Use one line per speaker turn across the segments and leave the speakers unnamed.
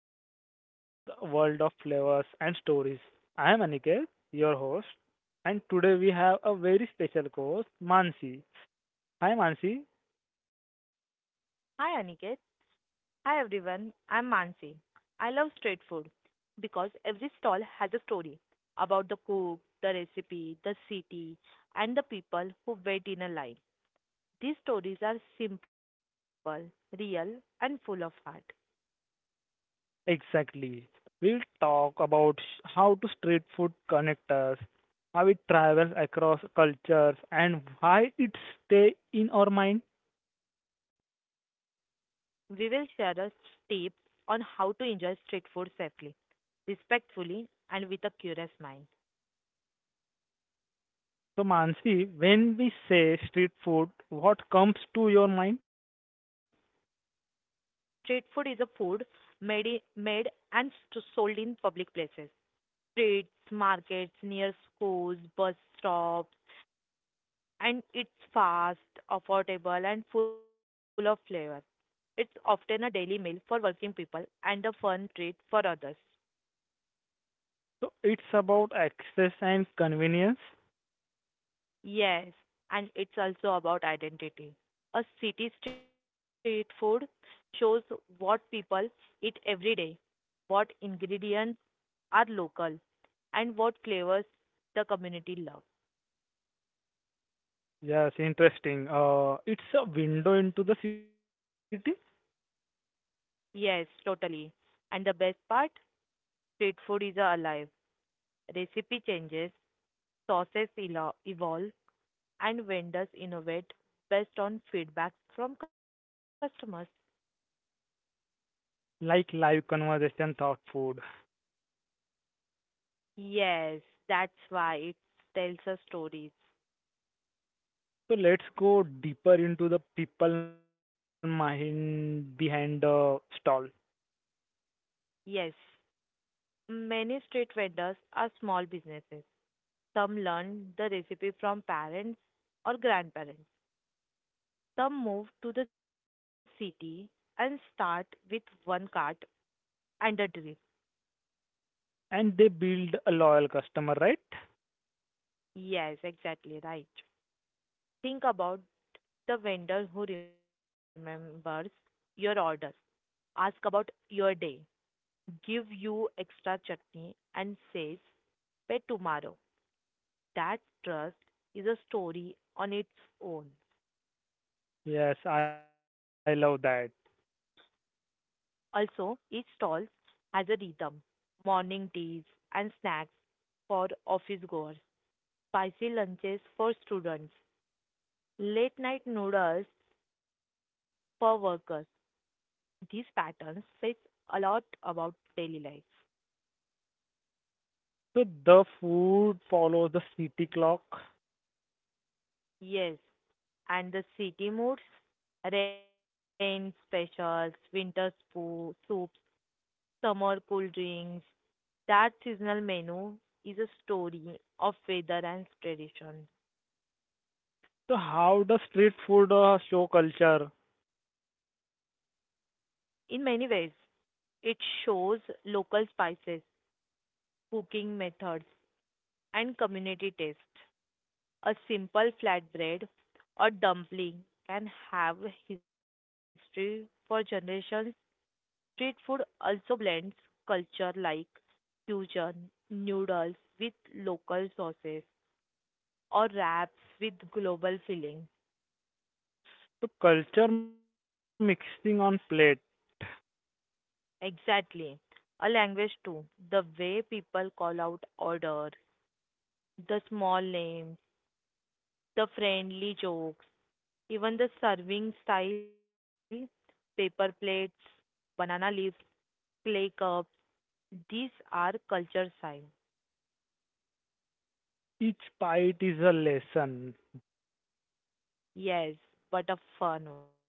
where we explore the world of flavors and stories. I am Aniket, your host, and today we have a very special host, Mansi. Hi Mansi,
Hi Aniket. Hi everyone. I'm Mansi. I love street food because every stall has a story about the cook, the recipe, the city, and the people who wait in a line. These stories are simple, real, and full of heart.
exactly. We'll talk about how to street food connect us, how it travels across cultures, and why it stays in our mind.
We will share a tip on how to enjoy street food safely, respectfully, and with a curious mind.
So Mansi, when we say street food, what comes to your mind?
Street food is a food made, i- made and sold in public places, streets, markets, near schools, bus stops, and it's fast, affordable, and full of flavor. It's often a daily meal for working people and a fun treat for others.
So it's about access and convenience.
Yes, and it's also about identity. A city street food shows what people eat every day, what ingredients are local, and what flavors the community loves.
Yes, interesting. It's a window into the city,
Yes, totally. And the best part, street food is alive. Recipe changes, sauces evolve, and vendors innovate based on feedback from customers.
like live conversation, thought food.
Yes, that's why it tells us stories.
So let's go deeper into the people mind behind the stall,
Yes, many street vendors are small businesses. Some learn the recipe from parents or grandparents. Some move to the city and start with one cart and a drill.
and they build a loyal customer, right?
Yes, exactly right. Think about the vendor who remembers your order, asks about your day, give you extra chutney, and says, pay tomorrow. That trust is a story on its own.
Yes, I love that.
Also, each stall has a rhythm, morning teas and snacks for office goers, spicy lunches for students, late night noodles for workers. These patterns say a lot about daily life.
So the food follows the city clock.
Yes, and the city moods, rain specials, winter soups, summer cool drinks. That seasonal menu is a story of weather and tradition.
So how does street food show culture?
In many ways, it shows local spices, cooking methods, and community taste. A simple flatbread or dumpling can have history for generations. Street food also blends culture, like fusion noodles with local sauces or wraps with global filling.
So culture mixing on plate.
Exactly. A language too. The way people call out order, the small names, the friendly jokes, even the serving style, paper plates, banana leaves, clay cups, these are culture signs.
Each bite is a lesson.
Yes, but a fun one.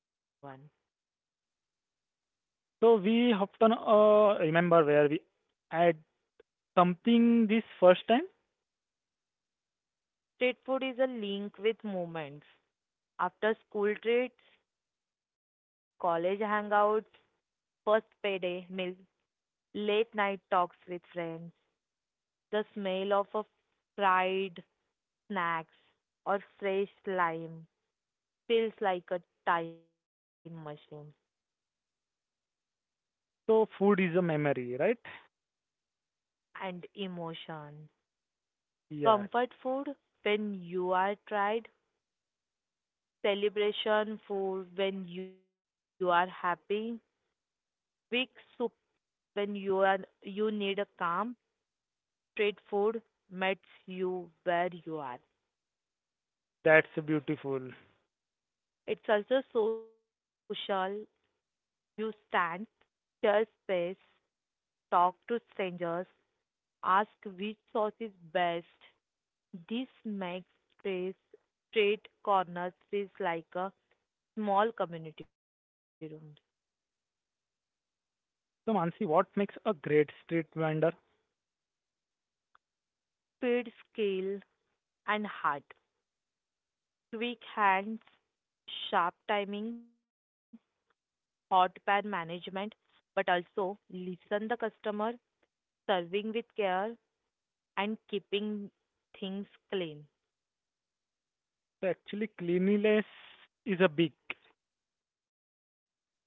So we often remember where we add something this first time.
Street food is a link with moments. After school treats, college hangouts, first payday meal, late night talks with friends, the smell of a fried snacks or fresh lime feels like a time machine,
So food is a memory, right?
and emotion.
Yeah,
Comfort food when you are tired, celebration food when you are happy, weak soup when you need a calm, street food meets you where you are.
that's beautiful.
It's also social. You stand, share space, talk to strangers, ask which sauce is best. This makes space, straight corners feels like a small community room.
So Mansi, what makes a great street vendor?
Speed, skill, and heart. Quick hands, sharp timing, hot pan management, but also listen the customer, serving with care, and keeping things clean.
So actually, cleanliness is a big.
Yes,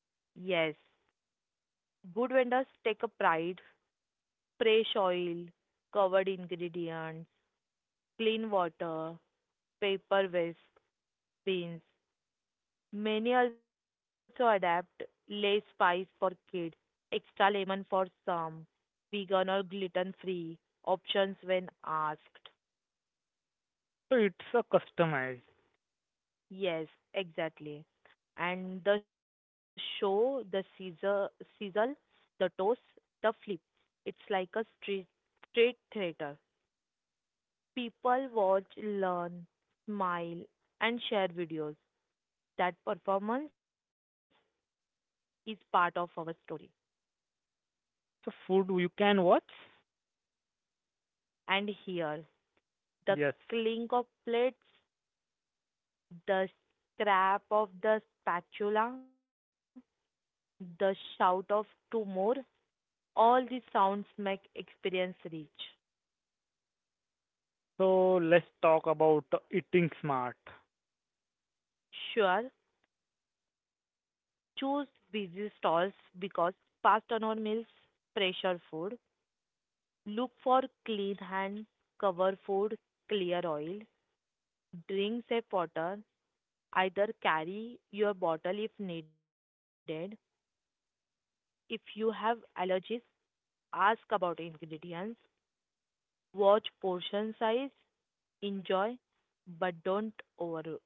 good vendors take a pride, fresh oil, covered ingredients, clean water, paper waste, bins. Many also adapt less spice for kids, extra lemon for some, vegan or gluten free options when asked.
So it's a customized.
Yes, exactly. And the show, the sizzle, the toast, the flip. It's like a street theater. People watch, learn, smile, and share videos. That performance is part of our story.
So food you can watch.
And here, the
Yes.
clink of plates, the scrap of the spatula, the shout of two more, all these sounds make experience rich.
So let's talk about eating smart.
Sure, choose busy stalls because fast turnover meals pressure food. Look for clean hand cover food, clear oil. Drink safe water. Either carry your bottle if needed. If you have allergies, ask about ingredients. Watch portion size. Enjoy, but don't overdo.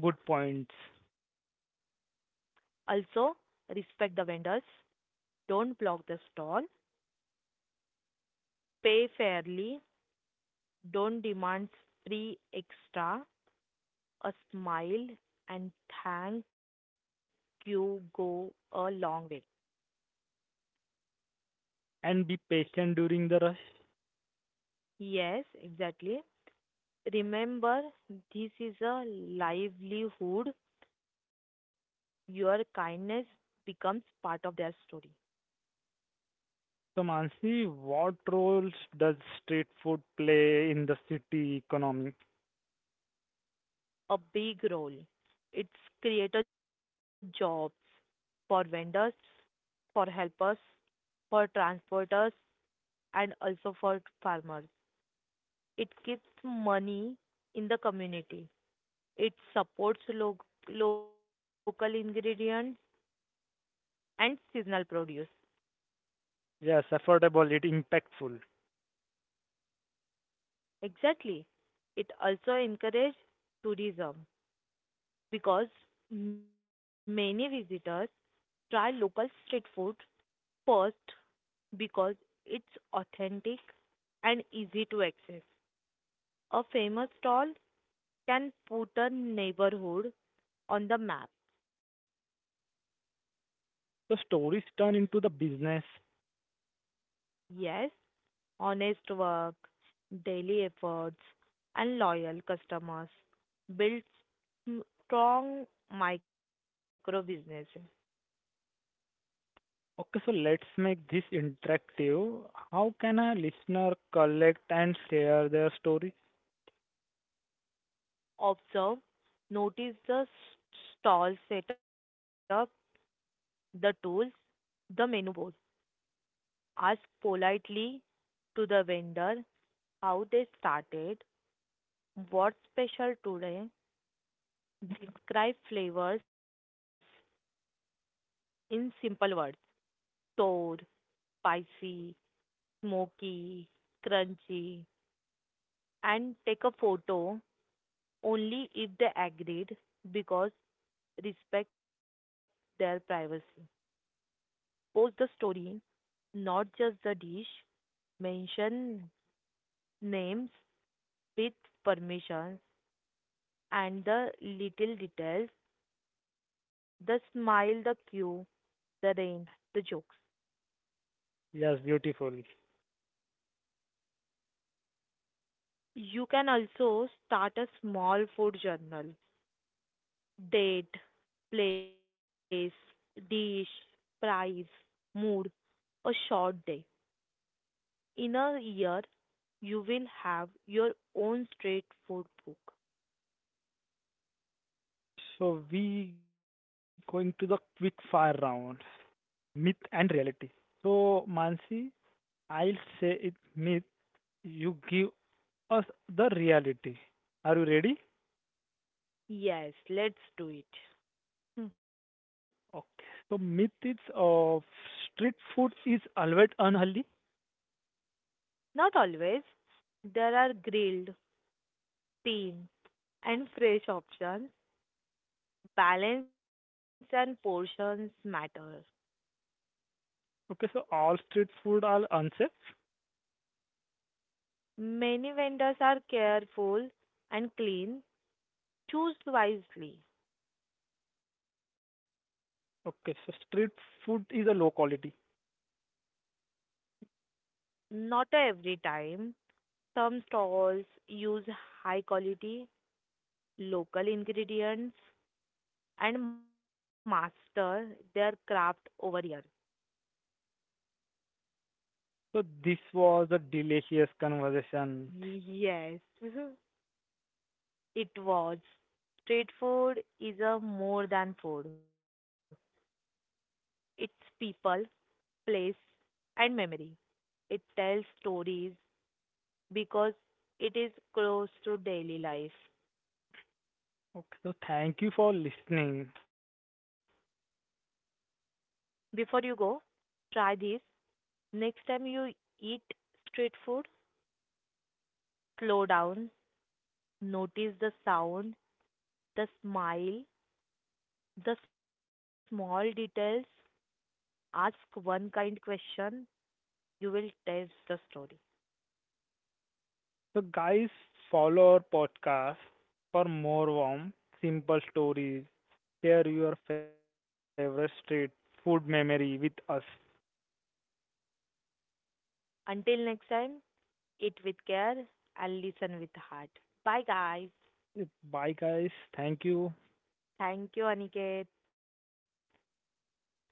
Good points.
Also, respect the vendors. Don't block the stall. Pay fairly. Don't demand three extra. A smile and thank you go a long way.
And be patient during the rush.
Yes, exactly. Remember, this is a livelihood. Your kindness becomes part of their story.
So, Mansi, what roles does street food play in the city economy?
A big role. It's created jobs for vendors, for helpers, for transporters, and also for farmers. It keeps money in the community. It supports local ingredients and seasonal produce.
Yes, affordable, it impactful.
Exactly. It also encourages tourism because many visitors try local street food first because it's authentic and easy to access. A famous stall can put a neighborhood on the map.
So, stories turn into the business.
Yes, honest work, daily efforts, and loyal customers build s- strong micro businesses.
Okay, so let's make this interactive. How can a listener collect and share their stories?
Observe, notice the stall setup, the tools, the menu board. Ask politely to the vendor how they started, what's special today. Describe flavors in simple words: sour, spicy, smoky, crunchy, and take a photo only if they agreed because respect their privacy. Post the story, not just the dish. Mention names with permission and the little details, the smile, the cue, the rain, the jokes.
Yes, beautiful.
You can also start a small food journal, date, place, dish, price, mood, a short day. In a year, you will have your own street food book.
So, we going to the quick fire round, myth and reality. So, Mansi, I'll say it myth. You give us the reality. Are you ready?
Yes, let's do it. Hmm.
Okay. So myth of street food is always unhealthy.
Not always. There are grilled, steamed, and fresh options. Balance and portions matter.
Okay, so all street food are unsafe.
Many vendors are careful and clean. Choose wisely.
Okay, so street food is a low quality.
Not every time. Some stalls use high quality local ingredients and master their craft over years.
So this was a delicious conversation.
Yes, it was. Street food is a more than food. It's people, place, and memory. It tells stories because it is close to daily life.
Okay, so thank you for listening.
Before you go, try this. Next time you eat street food, slow down, notice the sound, the smile, the small details. Ask one kind question, you will taste the story.
So guys, follow our podcast for more warm, simple stories. Share your favorite street food memory with us.
Until next time, eat with care and listen with heart. Bye, guys.
Bye, guys. Thank you.
Thank you, Aniket.
Thank you, Mansi.